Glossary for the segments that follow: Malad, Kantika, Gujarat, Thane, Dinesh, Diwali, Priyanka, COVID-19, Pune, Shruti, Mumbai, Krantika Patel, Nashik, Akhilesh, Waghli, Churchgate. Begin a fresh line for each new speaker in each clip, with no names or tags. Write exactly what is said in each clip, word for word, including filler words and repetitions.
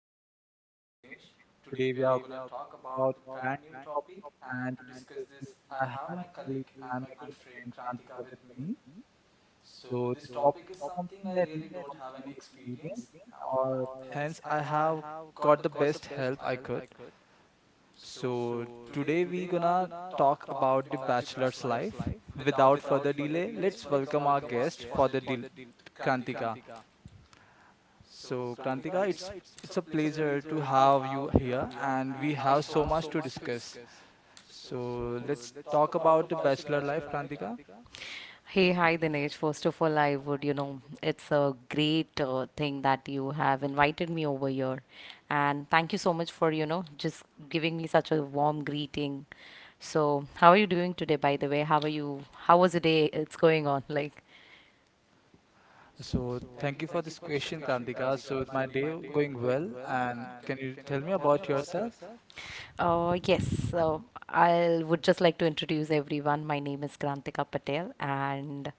is your host, Dinesh. Today we are going to talk about brand new topic and to discuss this. I have my colleague and my good friend Kantika with me. So this topic is something I really don't have any experience, or hence I have got the best help I could. So today we gonna talk about the bachelor's life. Without further delay, let's welcome our guest for the deal, Kantika. So, Krantika, it's it's a pleasure to have you here, and we have so much to discuss. So, let's talk about the bachelor life, Krantika.
Hey, hi Dinesh. First of all, I would, you know, it's a great uh, thing that you have invited me over here. And thank you so much for, you know, just giving me such a warm greeting. So, how are you doing today, by the way? How are you? How was the day? It's going on. Like,
So, thank you for this question, Krantika. So, is my day going well, and can you tell me about yourself?
uh, yes. So, I would just like to introduce everyone. My name is Krantika Patel, and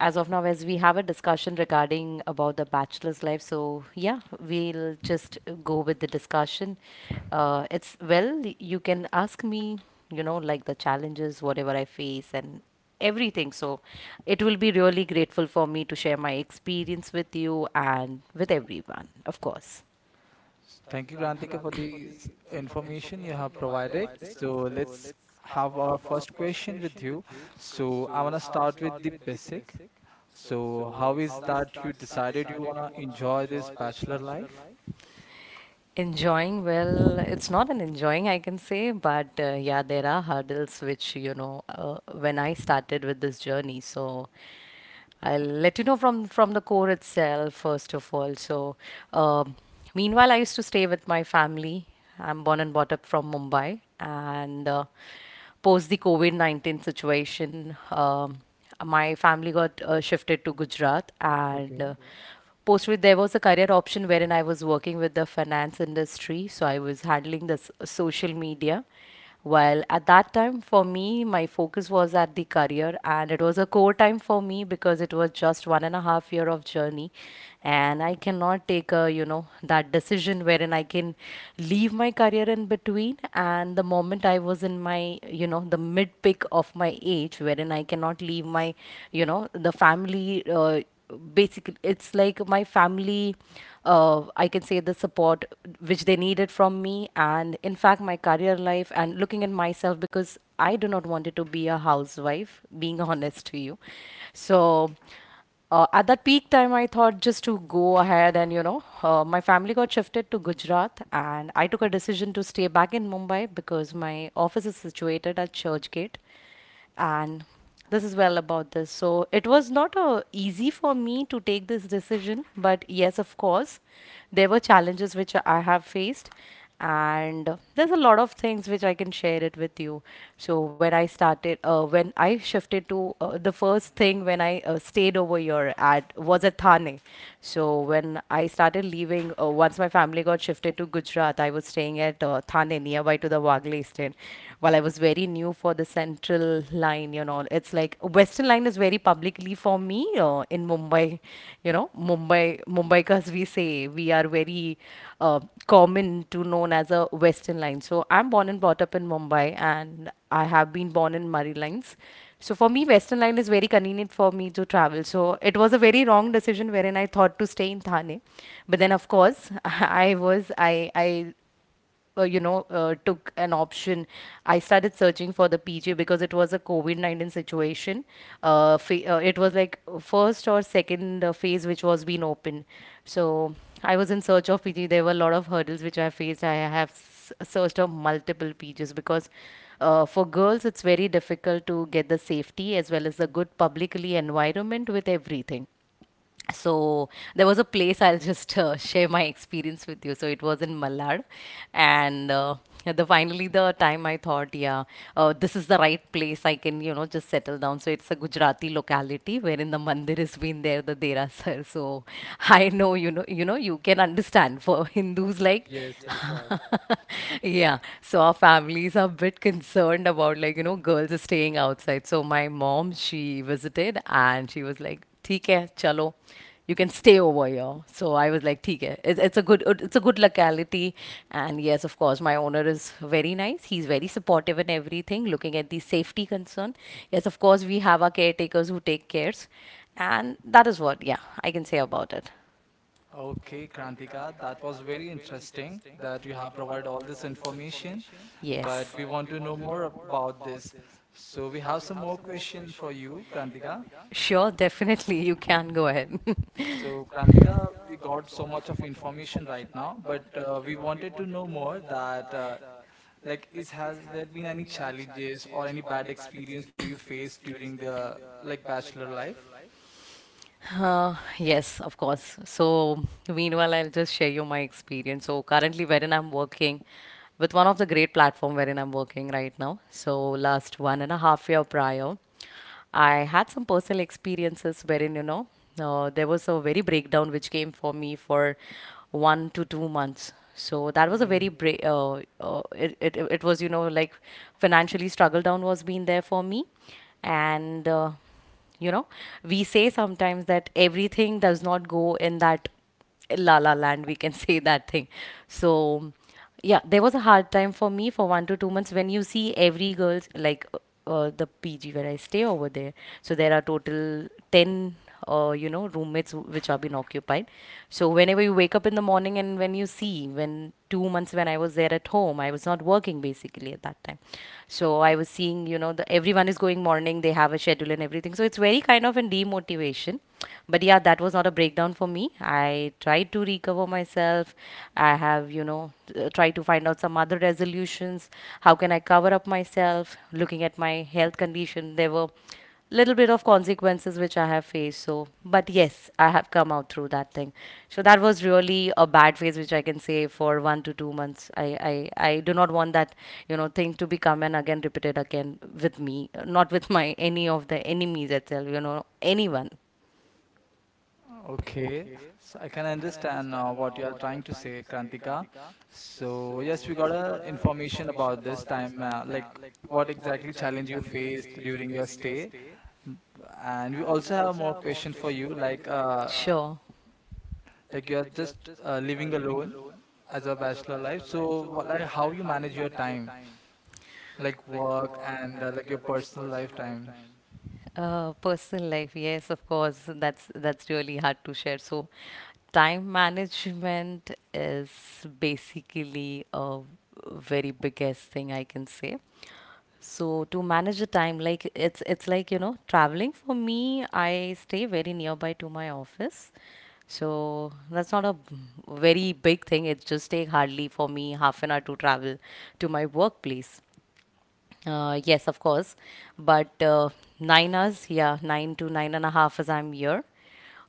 as of now, as we have a discussion regarding about the bachelor's life, so yeah, we'll just go with the discussion. uh, it's well, you can ask me you know like the challenges whatever I face and everything, so it will be really grateful for me to share my experience with you and with everyone, of course.
S- Thank you, Krantika, for the s- information you have provided. So, let's have our first question with you. So, I want to start with the basic. So, how is that you decided you want to enjoy this bachelor life?
Enjoying, well, it's not an enjoying, I can say, but uh, yeah, there are hurdles which, you know, uh, when I started with this journey. So I'll let you know from from the core itself, first of all. So, um, meanwhile, I used to stay with my family. I'm born and brought up from Mumbai, and uh, post the COVID nineteen situation, um, my family got uh, shifted to Gujarat and uh,
Okay.
post with there was a career option wherein I was working with the finance industry. So I was handling the s- social media. While at that time, for me, my focus was at the career, and it was a core time for me because it was just one and a half year of journey, and I cannot take a you know that decision wherein I can leave my career in between. And the moment I I was in my, you know, the mid peak of my age, wherein I cannot leave my, you know, the family. Uh, basically, it's like my family, uh, I can say the support which they needed from me, and in fact, my career life and looking at myself because I do not wanted to be a housewife, being honest to you. So. Uh, at that peak time, I thought just to go ahead, and, you know, uh, my family got shifted to Gujarat, and I took a decision to stay back in Mumbai because my office is situated at Churchgate. And this is well about this. So it was not uh, easy for me to take this decision, but yes, of course, there were challenges which I have faced, and there's a lot of things which I can share it with you. So when I started, uh, when I shifted to uh, the first thing when I uh, stayed over here at was at Thane. So when I started leaving, uh, once my family got shifted to Gujarat, I was staying at uh, Thane nearby to the Waghli station. While I was very new for the Central Line, you know, it's like Western Line is very publicly for me uh, in Mumbai. You know, Mumbai, Mumbai, because we say we are very uh, common to known as a Western line. So I'm born and brought up in Mumbai, and I have been born in Murray Lines. So for me, Western line is very convenient for me to travel. So it was a very wrong decision wherein I thought to stay in Thane, but then of course I was I I uh, you know, uh, took an option. I started searching for the P G because it was a COVID nineteen situation. Uh, fa- uh, it was like first or second uh, phase which was being open. So I was in search of P G. There were a lot of hurdles which I faced. I have s- searched of multiple P Gs because uh, for girls it's very difficult to get the safety as well as the good publicly environment with everything. So there was a place I'll just uh, share my experience with you. So it was in Malad, and uh, the finally the time I thought, yeah, uh, this is the right place. I can you know just settle down. So it's a Gujarati locality wherein the mandir has been there, the Dera Sir. So I know you know you know you can understand for Hindus like
Yes, that's right.
yeah, so our families are a bit concerned about like, you know, girls are staying outside. So my mom, she visited and she was like, "ठीक है, chalo, you can stay over here." So I was like, "ठीक है, it's, it's a good, it's a good locality." And yes, of course, my owner is very nice. He's very supportive in everything, looking at the safety concern. Yes, of course, we have our caretakers who take cares, and that is what, yeah, I can say about it.
Okay, Krantika, that was very interesting that you have provided all this information, but
Yes,
we want to know more ab- about this. So we have some more questions for you, Krantika.
sure, definitely, you can go ahead.
So Krantika, we got so much of information right now, but uh, we wanted to know more that uh, like is has there been any challenges or any bad experience do you face during the like bachelor life?
Uh, yes, of course. So, meanwhile, I'll just share you my experience. So, currently, wherein I'm working, with one of the great platform wherein I'm working right now. So last one and a half year prior, I had some personal experiences wherein, you know, uh, there was a very breakdown which came for me for one to two months. So that was a very break. Uh, uh, it, it it was you know like financially struggle down was being there for me, and uh, you know we say sometimes that everything does not go in that La La Land, we can say that thing. So, yeah, there was a hard time for me for one to two months when you see every girl's like uh, uh, the P G where I stay over there. So there are total ten uh, you know roommates who- which have been occupied. So whenever you wake up in the morning and when you see when two months when I was there at home, I was not working basically at that time. So I was seeing, you know, the, everyone is going morning, they have a schedule and everything. So it's very kind of a demotivation. But yeah, that was not a breakdown for me. I tried to recover myself. I have, you know, uh, tried to find out some other resolutions. How can I cover up myself? Looking at my health condition, there were little bit of consequences which I have faced. So, but yes, I have come out through that thing. So that was really a bad phase, which I can say for one to two months. I I, I do not want that you know thing to become and again repeated again with me, not with my any of the enemies itself. You know, anyone.
Okay, so I can understand uh, what you are trying to say, Krantika. So yes, we got a information about this time, uh, like what exactly challenge you faced during your stay. Mm. And we also have more question for you, like uh,
Sure.
like you are just uh, living alone as a bachelor life. So what, like how you manage your time, like work and uh, like your personal lifetime.
Uh, personal life, yes, of course. That's that's really hard to share. So, time management is basically a very biggest thing I can say. So to manage the time, like it's it's like, you know, traveling for me, I stay very nearby to my office. So that's not a b- very big thing. It just take hardly for me half an hour to travel to my workplace. Uh, yes, of course. But uh, nine hours, yeah, nine to nine and a half as I'm here,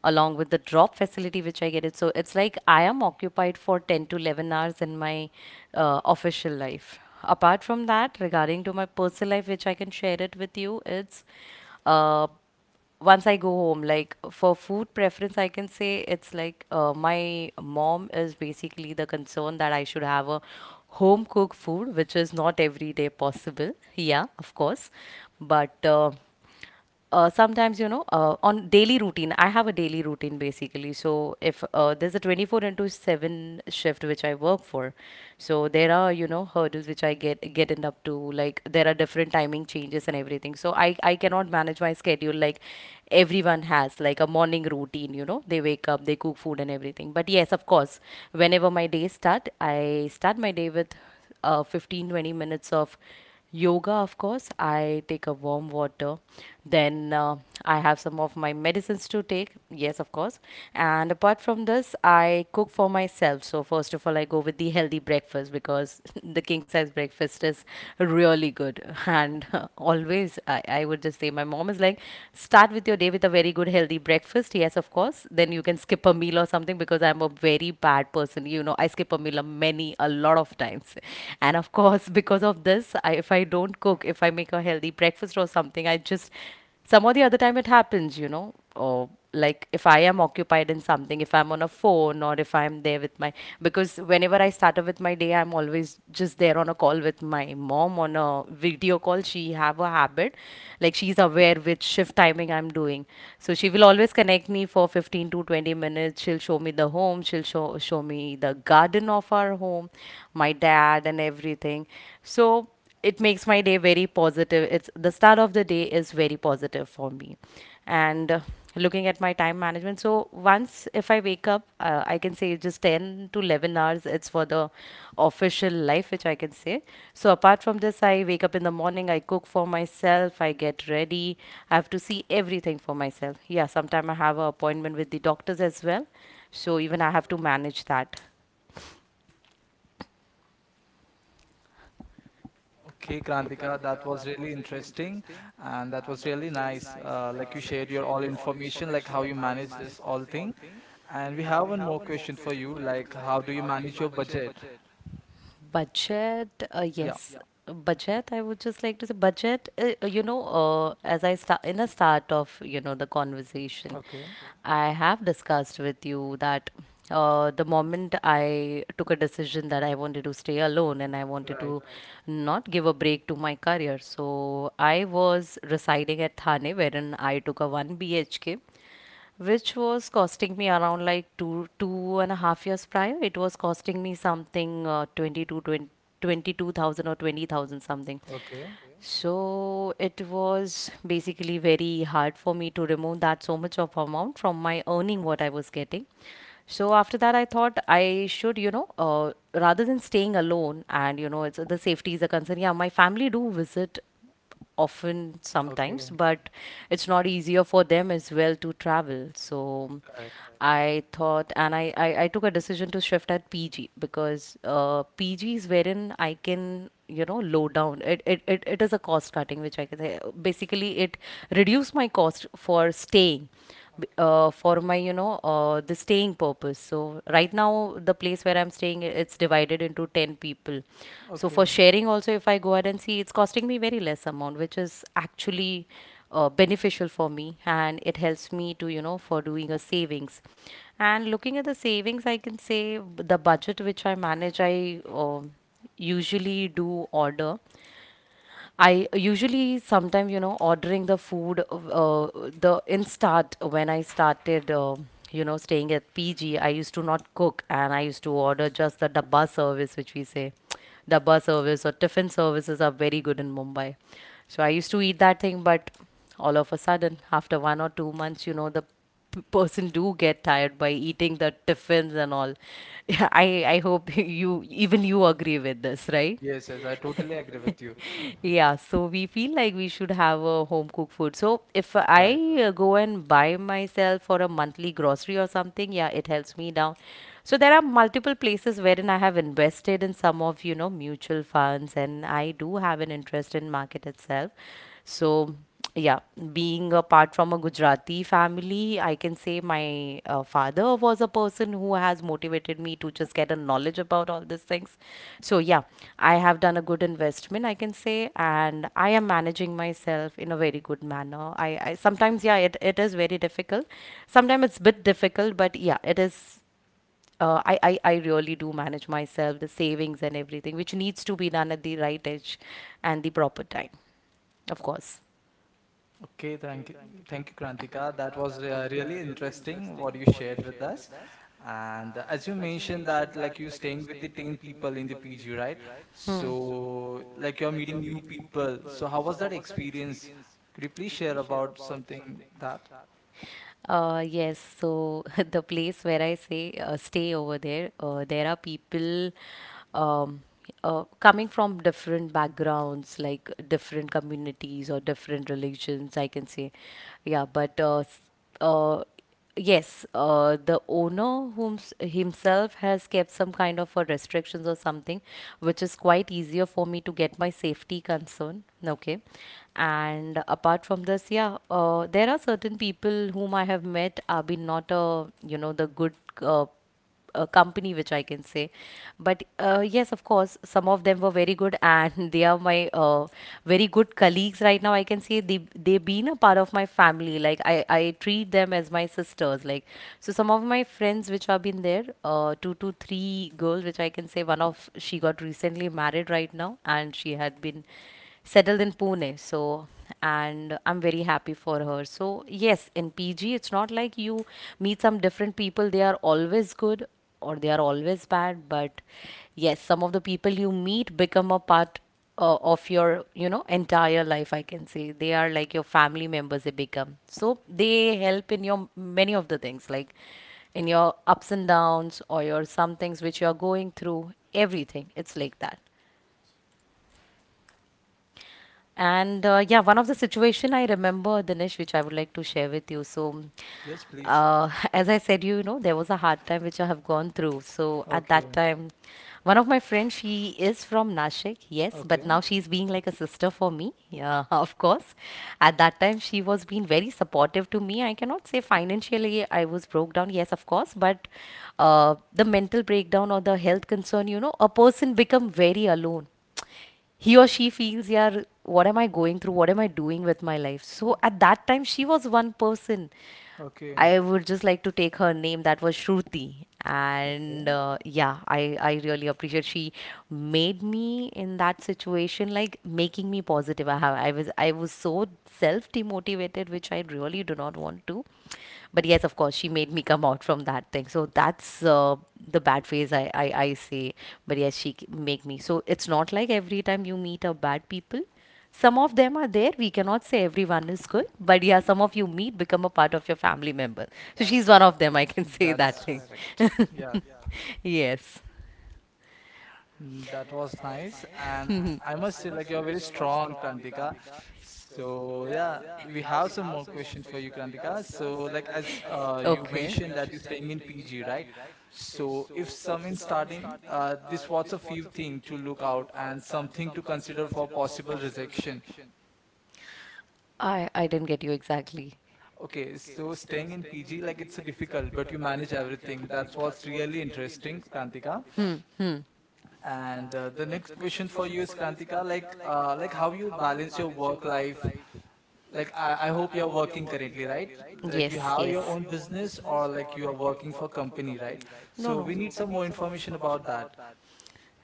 along with the drop facility which I get it. So it's like I am occupied for ten to eleven hours in my uh, official life. Apart from that, regarding to my personal life, which I can share it with you, it's uh, once I go home, like for food preference, I can say it's like uh, my mom is basically the concern that I should have a home cooked food, which is not every day possible. Yeah, of course. But uh, uh, sometimes, you know, uh, on daily routine, I have a daily routine basically. So if uh, there's a twenty-four into seven shift which I work for. So there are, you know, hurdles which I get getting up to. Like there are different timing changes and everything. So I I cannot manage my schedule like everyone has, like a morning routine. You know, they wake up, they cook food and everything. But yes, of course, whenever my day start, I start my day with uh fifteen twenty minutes of yoga, of course, I take a warm water, then uh, I have some of my medicines to take, yes, of course, and apart from this, I cook for myself. So first of all, I go with the healthy breakfast because the king size breakfast is really good. And always, I, I would just say, my mom is like, start with your day with a very good healthy breakfast. Yes, of course. Then you can skip a meal or something because I'm a very bad person. You know, I skip a meal a many, a lot of times. And of course, because of this, I, if I don't cook, if I make a healthy breakfast or something, I just some of the other time it happens, you know or like if I am occupied in something, if I'm on a phone, or if I'm there with my because whenever I started with my day, I'm always just there on a call with my mom, on a video call. She have a habit, like she's aware which shift timing I'm doing. So she will always connect me for fifteen to twenty minutes. She'll show me the home, she'll show show me the garden of our home, my dad, and everything. So it makes my day very positive. It's the start of the day is very positive for me. And uh, looking at my time management, so once if I wake up, uh, I can say just ten to eleven hours, it's for the official life, which I can say. So apart from this, I wake up in the morning, I cook for myself, I get ready, I have to see everything for myself. Yeah, sometime I have an appointment with the doctors as well. So even I have to manage that.
Okay, Krantika, that was really interesting and that was really nice. Uh, like you shared your all information, like how you manage this all thing. And we have one more question for you, like how do you manage your budget?
Budget, uh,
Yeah,
yes. Yeah. Budget, I would just like to say budget, uh, uh, you know, uh, as I start in the start of, you know, the conversation,
okay,
okay, I have discussed with you that uh, the moment I took a decision that I wanted to stay alone and I wanted, right, to
right.
right, not give a break to my career. So I was residing at Thane, wherein I took a one B H K which was costing me around like two two and a half years prior. It was costing me something uh, twenty-two, twenty, twenty-two thousand or twenty thousand something.
Okay,
So it was basically very hard for me to remove that so much of amount from my earning what I was getting. So after that, I thought I should, you know, uh, rather than staying alone and, you know, it's the safety is a concern. Yeah, my family do visit often sometimes,
okay,
but it's not easier for them as well to travel. So
correct.
I thought, and I, I, I took a decision to shift at P G because uh, P G is wherein I can, you know, low down. It, it, it, it is a cost cutting, which I can say. Basically, it reduced my cost for staying, b- uh, for my, you know, uh, the staying purpose. So right now, the place where I'm staying, it's divided into ten people. So for
Okay.
sharing also, if I go out and see, it's costing me very less amount, which is actually uh, beneficial for me, and it helps me to, you know for doing a savings. And looking at the savings, I can say the budget which I manage, I um usually do order. I usually sometimes, you know, ordering the food, uh, the in start when I started uh, you know staying at P G, I used to not cook and I used to order just the dabba service which we say. Dabba service or tiffin services are very good in Mumbai. So I used to eat that thing, but all of a sudden after one or two months, you know, the p- person do get tired by eating the tiffins and all. Yeah, I I hope you even you agree with this, right?
Yes, yes, I totally agree with you.
Yeah, so we feel like we should have a home cooked food. So if
Right.
I uh, go and buy myself for a monthly grocery or something, yeah, it helps me down. So there are multiple places wherein I have invested in some of, you know, mutual funds, and I do have an interest in market itself. So yeah, being apart from a Gujarati family, I can say my uh, father was a person who has motivated me to just get a knowledge about all these things. So, yeah, I have done a good investment, I can say, and I am managing myself in a very good manner. I, I sometimes, yeah, it, it is very difficult. Sometimes it's a bit difficult, but yeah, it is. Uh, I, I, I really do manage myself, the savings and everything, which needs to be done at the right age and the proper time, of course.
Okay, thank you, thank you, Krantika. That was uh, really interesting what you shared with us. And uh, as you mentioned that like you're staying with the ten people in the P G, right?
Hmm.
So like you're meeting new people. So how was that experience? Could you please share about something that?
Uh, yes, so the place where I say uh, stay over there, uh, there are people um, uh, coming from different backgrounds, like different communities or different religions, I can say. Yeah, but uh, s- uh, yes, uh, the owner whom himself has kept some kind of a restrictions or something, which is quite easier for me to get my safety concern. Okay, and apart from this, yeah, uh, there are certain people whom I have met have been not a, you know the good. Uh, uh, company which I can say. But uh, yes, of course, some of them were very good, and they are my uh, very good colleagues right now. I can say they they've been a part of my family. Like I I treat them as my sisters. Like so, some of my friends which have been there, uh, two to three girls which I can say. One of she got recently married right now, and she had been settled in Pune. So, and I'm very happy for her. So, yes, in P G, it's not like you meet some different people, they are always good or they are always bad. But yes, some of the people you meet become a part uh, of your, you know entire life, I can say. They are like your family members, they become so, they help in your many of the things, like in your ups and downs or your some things which you are going through, everything, it's like that. And uh, yeah, one of the situation I remember, Dinesh, which I would like to share with you. So,
Yes, please.
uh, as I said, you know, there was a hard time which I have gone through. So at that
Okay,
time, one of my friends, she is from Nashik, yes, but
okay,
now she's being like a sister for me. Yeah, of course. At that time, she was being very supportive to me. I cannot say financially I was broke down, yes, of course, but uh, the mental breakdown or the health concern, you know, a person become very alone, he or she feels, yeah, what am I going through? What am I doing with my life? So at that time, she was one person.
okay,
I would just like to take her name, that was Shruti. And
okay.
uh, yeah, I, I really appreciate she made me in that situation, like making me positive. I have I was I was so self demotivated, which I really do not want to. But yes, of course, she made me come out from that thing. So that's uh, the bad phase I, I I say. But yes, she c- make me. So it's not like every time you meet a bad people, some of them are there. We cannot say everyone is good, but yeah, some of you meet become a part of your family member. So she's
That's
one of them, I
correct.
can say that
Yeah.
thing. Yes.
Mm. That was nice, and I must say, like you're very strong, Krantika. So yeah, we have some more questions for you, Krantika. So like as uh, you
Okay.
mentioned that you're staying in P G, right? So if some in starting, uh, this what's a few thing to look out and something to consider for possible rejection.
I I didn't get you exactly.
Okay, so staying in P G, like it's a difficult, but you manage everything. That's what's really interesting, Krantika.
Hmm. Hmm.
And uh, the next question for you is Krantika, like uh, like how you balance your work life. Like I, I hope you're working currently, right? Like
Yes.
you have
Yes.
your own business or like you are working for company, right?
No.
So
No.
we need some more information about that.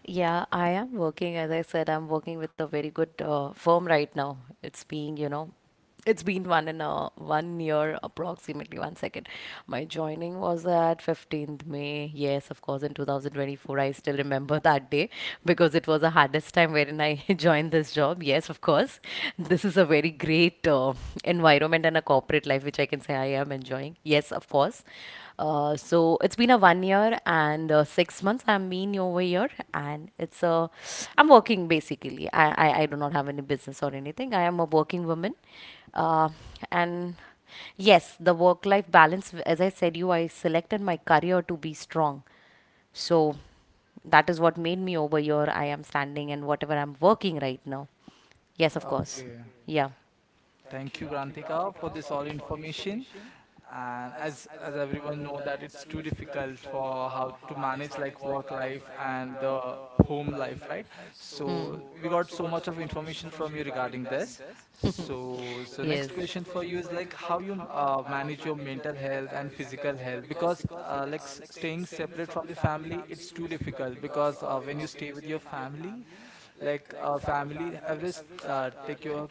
Yeah, I am working. As I said, I'm working with a very good uh, firm right now. It's being, you know, it's been one and a one year approximately. One second. My joining was at fifteenth May. Yes, of course, in twenty twenty-four. I still remember that day because it was the hardest time wherein I joined this job. Yes, of course. This is a very great uh, environment and a corporate life, which I can say I am enjoying. Yes, of course. Uh, so it's been a one year and uh, six months. I'm been over here, and it's a. I'm working basically. I, I, I do not have any business or anything. I am a working woman, uh, and yes, the work life balance. As I said, you I selected my career to be strong, so that is what made me over here. I am standing and whatever I'm working right now. Yes, of course.
Okay.
Yeah.
Thank you, Grantika, for this all information. And as as everyone know that it's too difficult for how to manage like work life and the home life, right?
Hmm.
So we got so much of information from you regarding this. So so
yes.
next question for you is like how you uh, manage your mental health and physical health because uh, like s- staying separate from the family it's too difficult because uh, when you stay
You
with
can
your family
have.
like uh, family always uh, take your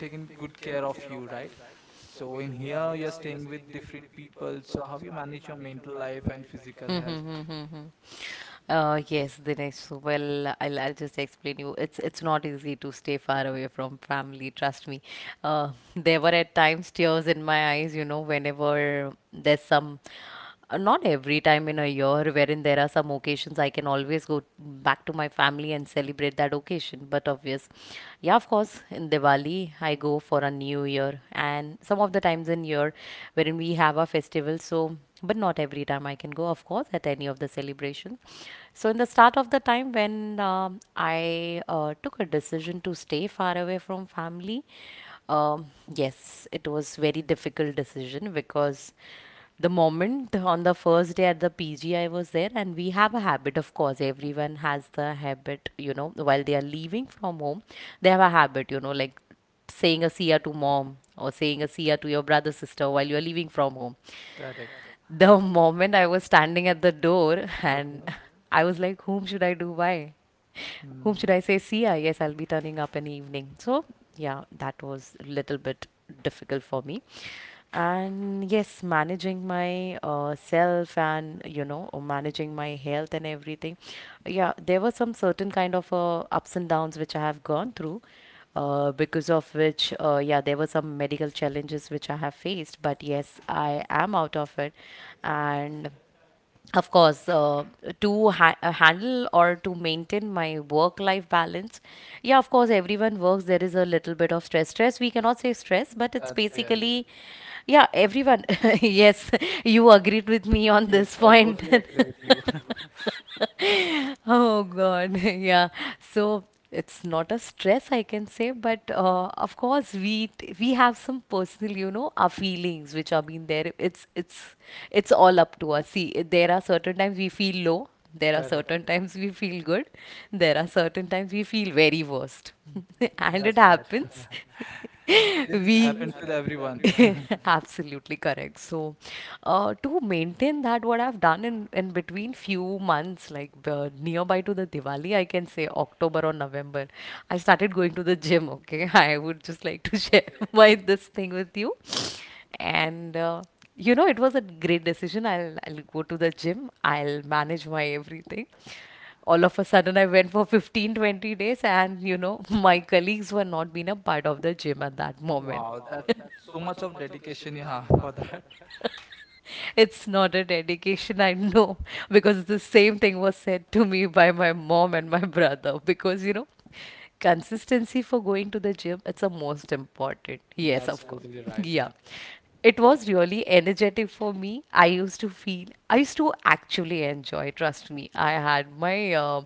taking good care of you, right? So in here, you're staying with different people. So how you manage your mental life and physical health?
Mm-hmm. Uh, yes, Dinesh. So, well, I'll, I'll just explain you. It's it's not easy to stay far away from family. Trust me. Uh, there were at times tears in my eyes. You know, whenever there's some Uh, not every time in a year, wherein there are some occasions I can always go back to my family and celebrate that occasion. But obvious, yeah, of course, in Diwali I go for a New Year, and some of the times in year wherein we have our festival. So, but not every time I can go, of course, at any of the celebrations. So, in the start of the time when um, I uh, took a decision to stay far away from family, um, yes, it was very difficult decision because the moment on the first day at the P G I was there, and we have a habit, of course, everyone has the habit, you know, while they are leaving from home, they have a habit, you know, like saying a see ya to mom or saying a see ya to your brother, sister while you're leaving from home.
Correct.
The moment I was standing at the door and
Okay.
I was like, whom should I do by? Whom
Hmm.
should I say see ya? Yes, I'll be turning up in the evening. So, yeah, that was a little bit difficult for me. And yes, managing my uh, self, and you know uh, managing my health and everything. Yeah, there were some certain kind of uh, ups and downs which I have gone through, uh, because of which, uh, yeah, there were some medical challenges which I have faced, but yes, I am out of it. And of course, uh, to ha- uh, handle or to maintain my work life balance, yeah, of course, everyone works. There is a little bit of stress stress we cannot say stress, but it's
That's really.
basically, yeah, everyone. Yes, you agreed with me on
Yes,
this
I
point.
totally agree with you.
Oh God, yeah. So, it's not a stress, I can say, but uh, of course, we t- we have some personal, you know, our feelings which have been there. It's it's it's all up to us. See, there are certain times we feel low. There are
Correct.
certain times we feel good. There are certain times we feel very worst. And
That's
it
right. Yeah.
happens.
This is,
We,
happens with everyone.
absolutely correct. So, uh, to maintain that, what I've done in, in between few months, like uh, nearby to the Diwali, I can say October or November, I started going to the gym. Okay, I would just like to share my this thing with you. And uh, you know, it was a great decision. I'll I'll go to the gym. I'll manage my everything. All of a sudden, I went for fifteen twenty days, and you know, my colleagues were not being a part of the gym at that moment.
Wow, that so much of dedication you have for that.
It's not a dedication, I know, because the same thing was said to me by my mom and my brother. Because, you know, consistency for going to the gym, it's the most important. Yes,
That's
of course.
totally right.
Yeah.
Yeah.
It was really energetic for me. I used to feel, I used to actually enjoy, trust me. I had my uh,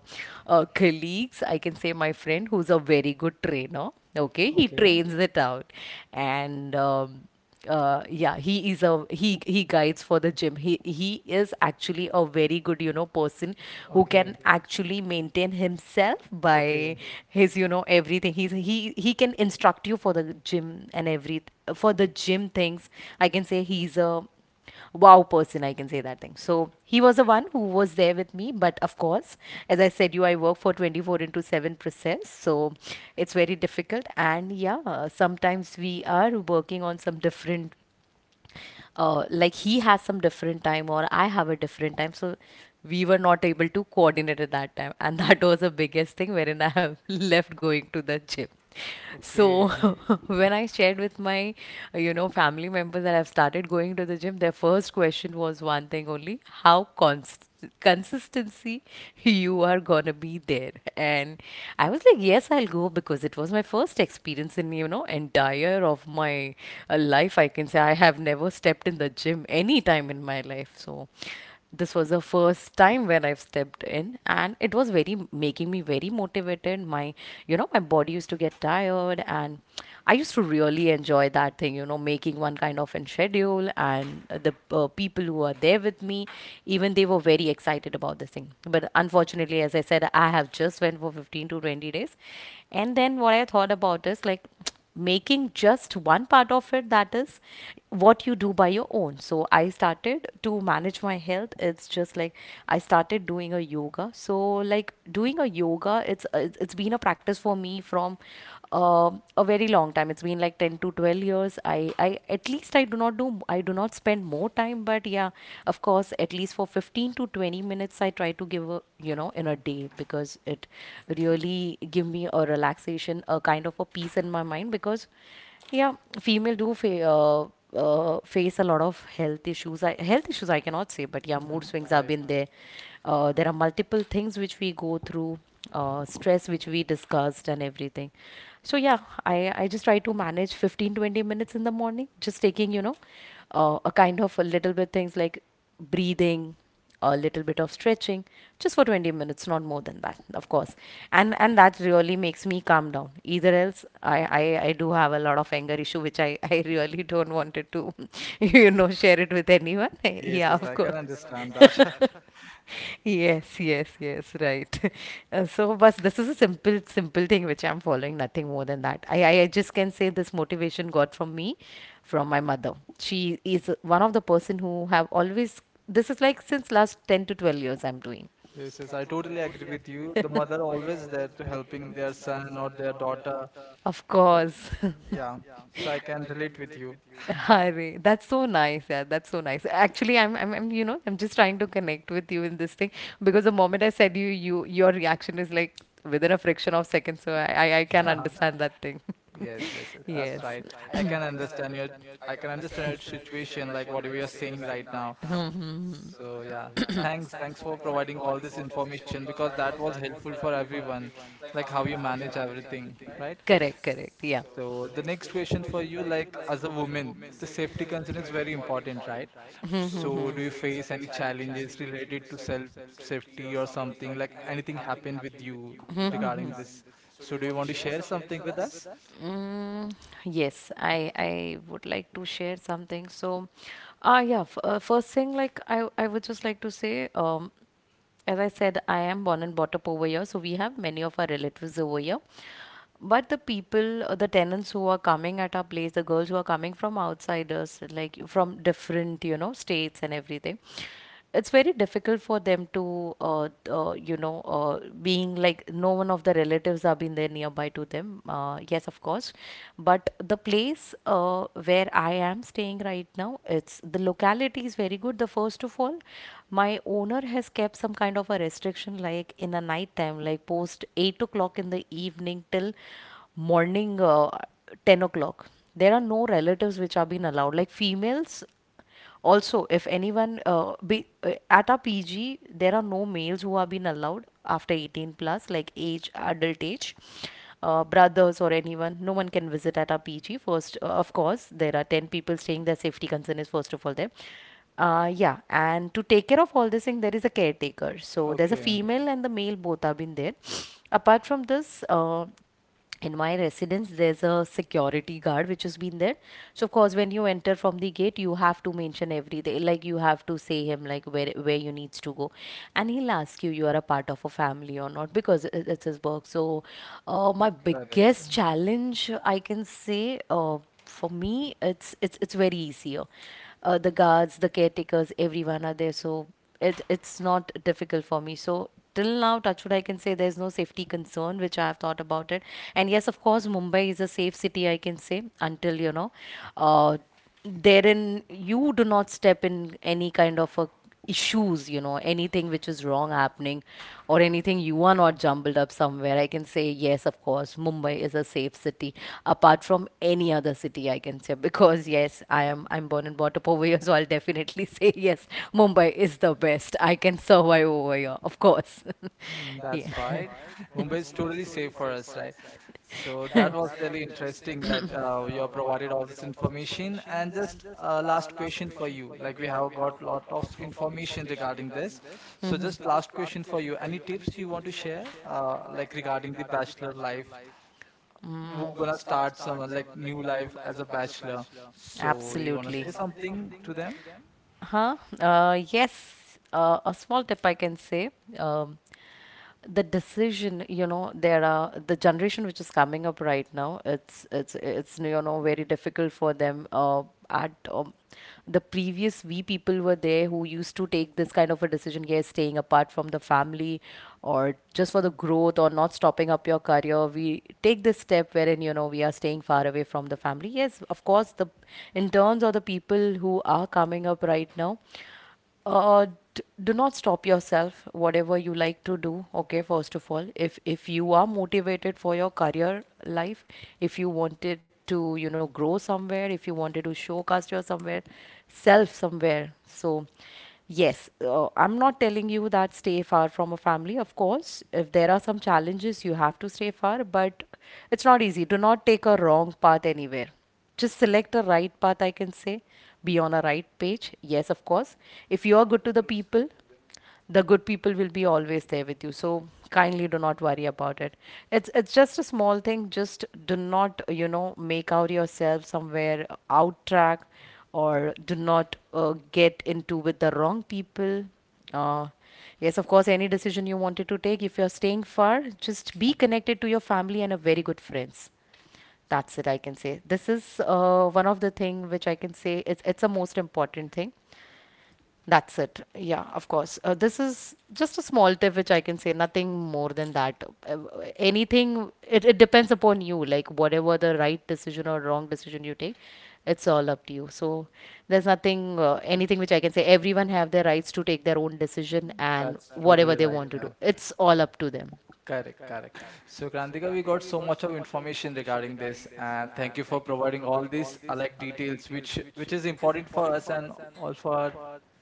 uh, colleagues, I can say my friend, who's a very good trainer. Okay, he
Okay.
trains it out. And um, uh, yeah, he is a he he guides for the gym. He he is actually a very good, you know, person who
Okay.
can actually maintain again himself
Okay.
by his, you know, everything. He's he he can instruct you for the gym and every for the gym things I can say he's a wow person, I can say that thing. So he was the one who was there with me, but of course, as I said you, I work for twenty-four into seven process. So it's very difficult, and yeah, sometimes we are working on some different uh, like he has some different time or I have a different time. So we were not able to coordinate at that time. And that was the biggest thing wherein I have left going to the gym. So
Okay.
when I shared with my, uh, you know, family members that I've started going to the gym, their first question was one thing only, how const consistency you are gonna be there. And I was like, yes, I'll go because it was my first experience in, you know, you know, entire of my uh, life, I can say I have never stepped in the gym any time in my life. So this was the first time when I've stepped in, and it was very making me very motivated. My, you know, my body used to get tired, and I used to really enjoy that thing, you know, making one kind of an schedule, and the uh, people who are there with me, even they were very excited about this thing. But unfortunately, as I said, I have just went for fifteen to twenty days, and then what I thought about is like making just one part of it, that is what you do by your own. So I started to manage my health. It's just like I started doing a yoga. So like, doing a yoga, it's it's it's been a practice for me from um a very long time. It's been like ten to twelve years. I i at least, I do not do, I do not spend more time, but yeah, of course, at least for fifteen to twenty minutes I try to give, a you know, in a day, because it really give me a relaxation, a kind of a peace in my mind. Because yeah, female do fa- uh, uh, face a lot of health issues. I, health issues I cannot say, but yeah, mood
Mhm.
swings have
Right.
been there. Uh, there are multiple things which we go through, uh, stress which we discussed and everything. So yeah, I I just try to manage fifteen twenty minutes in the morning, just taking, you know, uh, a kind of a little bit things like breathing, a little bit of stretching, just for twenty minutes, not more than that, of course. And and that really makes me calm down. Either else, i i, I do have a lot of anger issue which I I really don't want it to you know share it with anyone.
Yes,
Yeah,
yes,
of
I can
course.
understand that.
Yes, yes, yes, right. Uh, so, but this is a simple, simple thing which I'm following, nothing more than that. I, I, I just can say this motivation got from me, from my mother. She is one of the person who have always, this is like since last ten to twelve years I'm doing.
Yes, yes, I totally agree with you. The mother always there to helping their son or their daughter.
Of
Like,
course.
yeah, so I can relate with you.
Hare, that's so nice. Yeah, that's so nice. Actually, I'm, I'm, I'm, you know, I'm just trying to connect with you in this thing because the moment I said you, you, your reaction is like within a fraction of seconds. So I, I, I can understand that.
Yes, yes, yes, that's
Yes.
right. I can understand your, I can understand your situation, like whatever you're saying right now.
Hmm.
So yeah, thanks, thanks for providing all this information because that was helpful for everyone, like how you manage everything, right?
Correct, correct. Yeah.
So the next question for you, like as a woman, the safety concern is very important, right? So do you face any challenges related to self safety or something like anything happened with you
Mhm,
regarding
mhm.
this? So do you want to share something with us?
Mm, yes, I I would like to share something. So, ah, yeah, f uh, first thing, like I I would just like to say, um, as I said, I am born and brought up over here, so we have many of our relatives over here. But the people, uh, the tenants who are coming at our place, the girls who are coming from outsiders, like from different, you know, states and everything, it's very difficult for them to, uh, uh, you know, uh, being like no one of the relatives have been there nearby to them. Uh, yes, of course. But the place uh, where I am staying right now, it's the locality is very good. The first of all, my owner has kept some kind of a restriction, like in the night time, like post eight o'clock in o'clock in the evening till morning uh, ten o'clock. There are no relatives which are being allowed. Like females, also, if anyone uh, be, uh, at our P G, there are no males who are being allowed after eighteen plus, like age, adult age, uh, brothers or anyone. No one can visit at our P G. First, uh, of course, there are ten people staying. Their safety concern is first of all there. Uh, yeah, and to take care of all this thing, there is a caretaker. So there's a
Okay,
female and the male both have been there. Apart from this, uh, in my residence, there's a security guard which has been there. So of course, when you enter from the gate, you have to mention everything. Like you have to say him like where where you needs to go, and he'll ask you you are a part of a family or not, because it- it's his work. So, uh, my
correct.
biggest challenge, I can say, uh, for me, it's it's it's very easier. Uh, the guards, the caretakers, everyone are there. So it it's not difficult for me. So till now, touchwood, I can say there's no safety concern which I have thought about it. And yes, of course, Mumbai is a safe city. I can say, until you know, uh, therein you do not step in any kind of a issues, you know, anything which is wrong happening, or anything you are not jumbled up somewhere, I can say, yes, of course, Mumbai is a safe city apart from any other city, I can say, because yes, I am, I'm born and brought up over here, so I'll definitely say, yes, Mumbai is the best. I can survive over here, of course.
Mm.
Yeah,
That's right. Mumbai is totally safe for us, right? So that was really interesting that uh, you have provided all this information. And just uh, last question for you. Like we have got lot of information regarding this. So just last question for you. Any tips you want to share, uh, like regarding the bachelor life?
mm,
We're gonna start some uh, like new life as a bachelor. So you wanna
absolutely.
say something to them?
Huh? Uh, yes, uh, a small tip I can say. Um, the decision, you know, there are the generation which is coming up right now, it's it's it's you know very difficult for them. Uh, at um, The previous, we people were there who used to take this kind of a decision, yes, staying apart from the family or just for the growth or not stopping up your career, we take this step wherein, you know, we are staying far away from the family. Yes, of course, the interns or the people who are coming up right now, uh, d- do not stop yourself whatever you like to do. Okay, first of all, if if you are motivated for your career life, if you wanted to, you know, grow somewhere, if you wanted to showcase your somewhere, self somewhere. So yes, uh, I'm not telling you that stay far from a family. Of course, if there are some challenges, you have to stay far, but it's not easy. Do not take a wrong path anywhere. Just select a right path, I can say. Be on a right page. Yes, of course. If you are good to the people, the good people will be always there with you. So kindly do not worry about it. It's it's just a small thing. Just do not, you know, make out yourself somewhere out track, or do not uh, get into with the wrong people. uh, yes, of course, any decision you wanted to take, if you're staying far, just be connected to your family and a very good friends. That's it, I can say. This is uh, one of the thing which I can say, it's it's a most important thing. That's it. Yeah, of course. Uh, this is just a small tip which I can say, nothing more than that. Uh, Anything, it, it depends upon you, like whatever the right decision or wrong decision you take, it's all up to you. So there's nothing, uh, anything which I can say. Everyone have their rights to take their own decision and
That's
whatever
totally
they
right.
want to
Yeah.
do. It's all up to them.
Correct, correct. So, Krantika, we got so much of information regarding this, and thank you for providing all these uh, like details, which which is important for us and all for our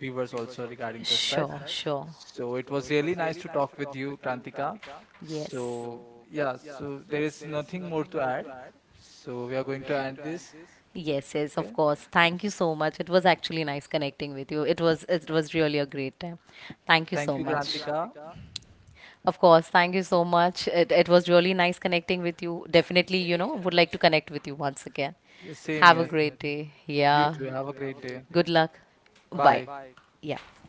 viewers also regarding this, right?
Sure, sure.
So it was really nice to talk with you, Krantika.
Yes.
So yeah, so there is nothing more to add. So we are going to end this.
Yes, yes,
Okay.
of course. Thank you so much. It was actually nice connecting with you. It was it was really a great time. Thank you
Thank
so
you,
much.
Krantika.
Of course, thank you so much. It it was really nice connecting with you. Definitely, you know, would like to connect with you once again.
Yeah, same
Have a
here. Same
great
here.
day.
You
Yeah.
too. Have a great day.
Good luck. Bye.
Bye.
Yeah.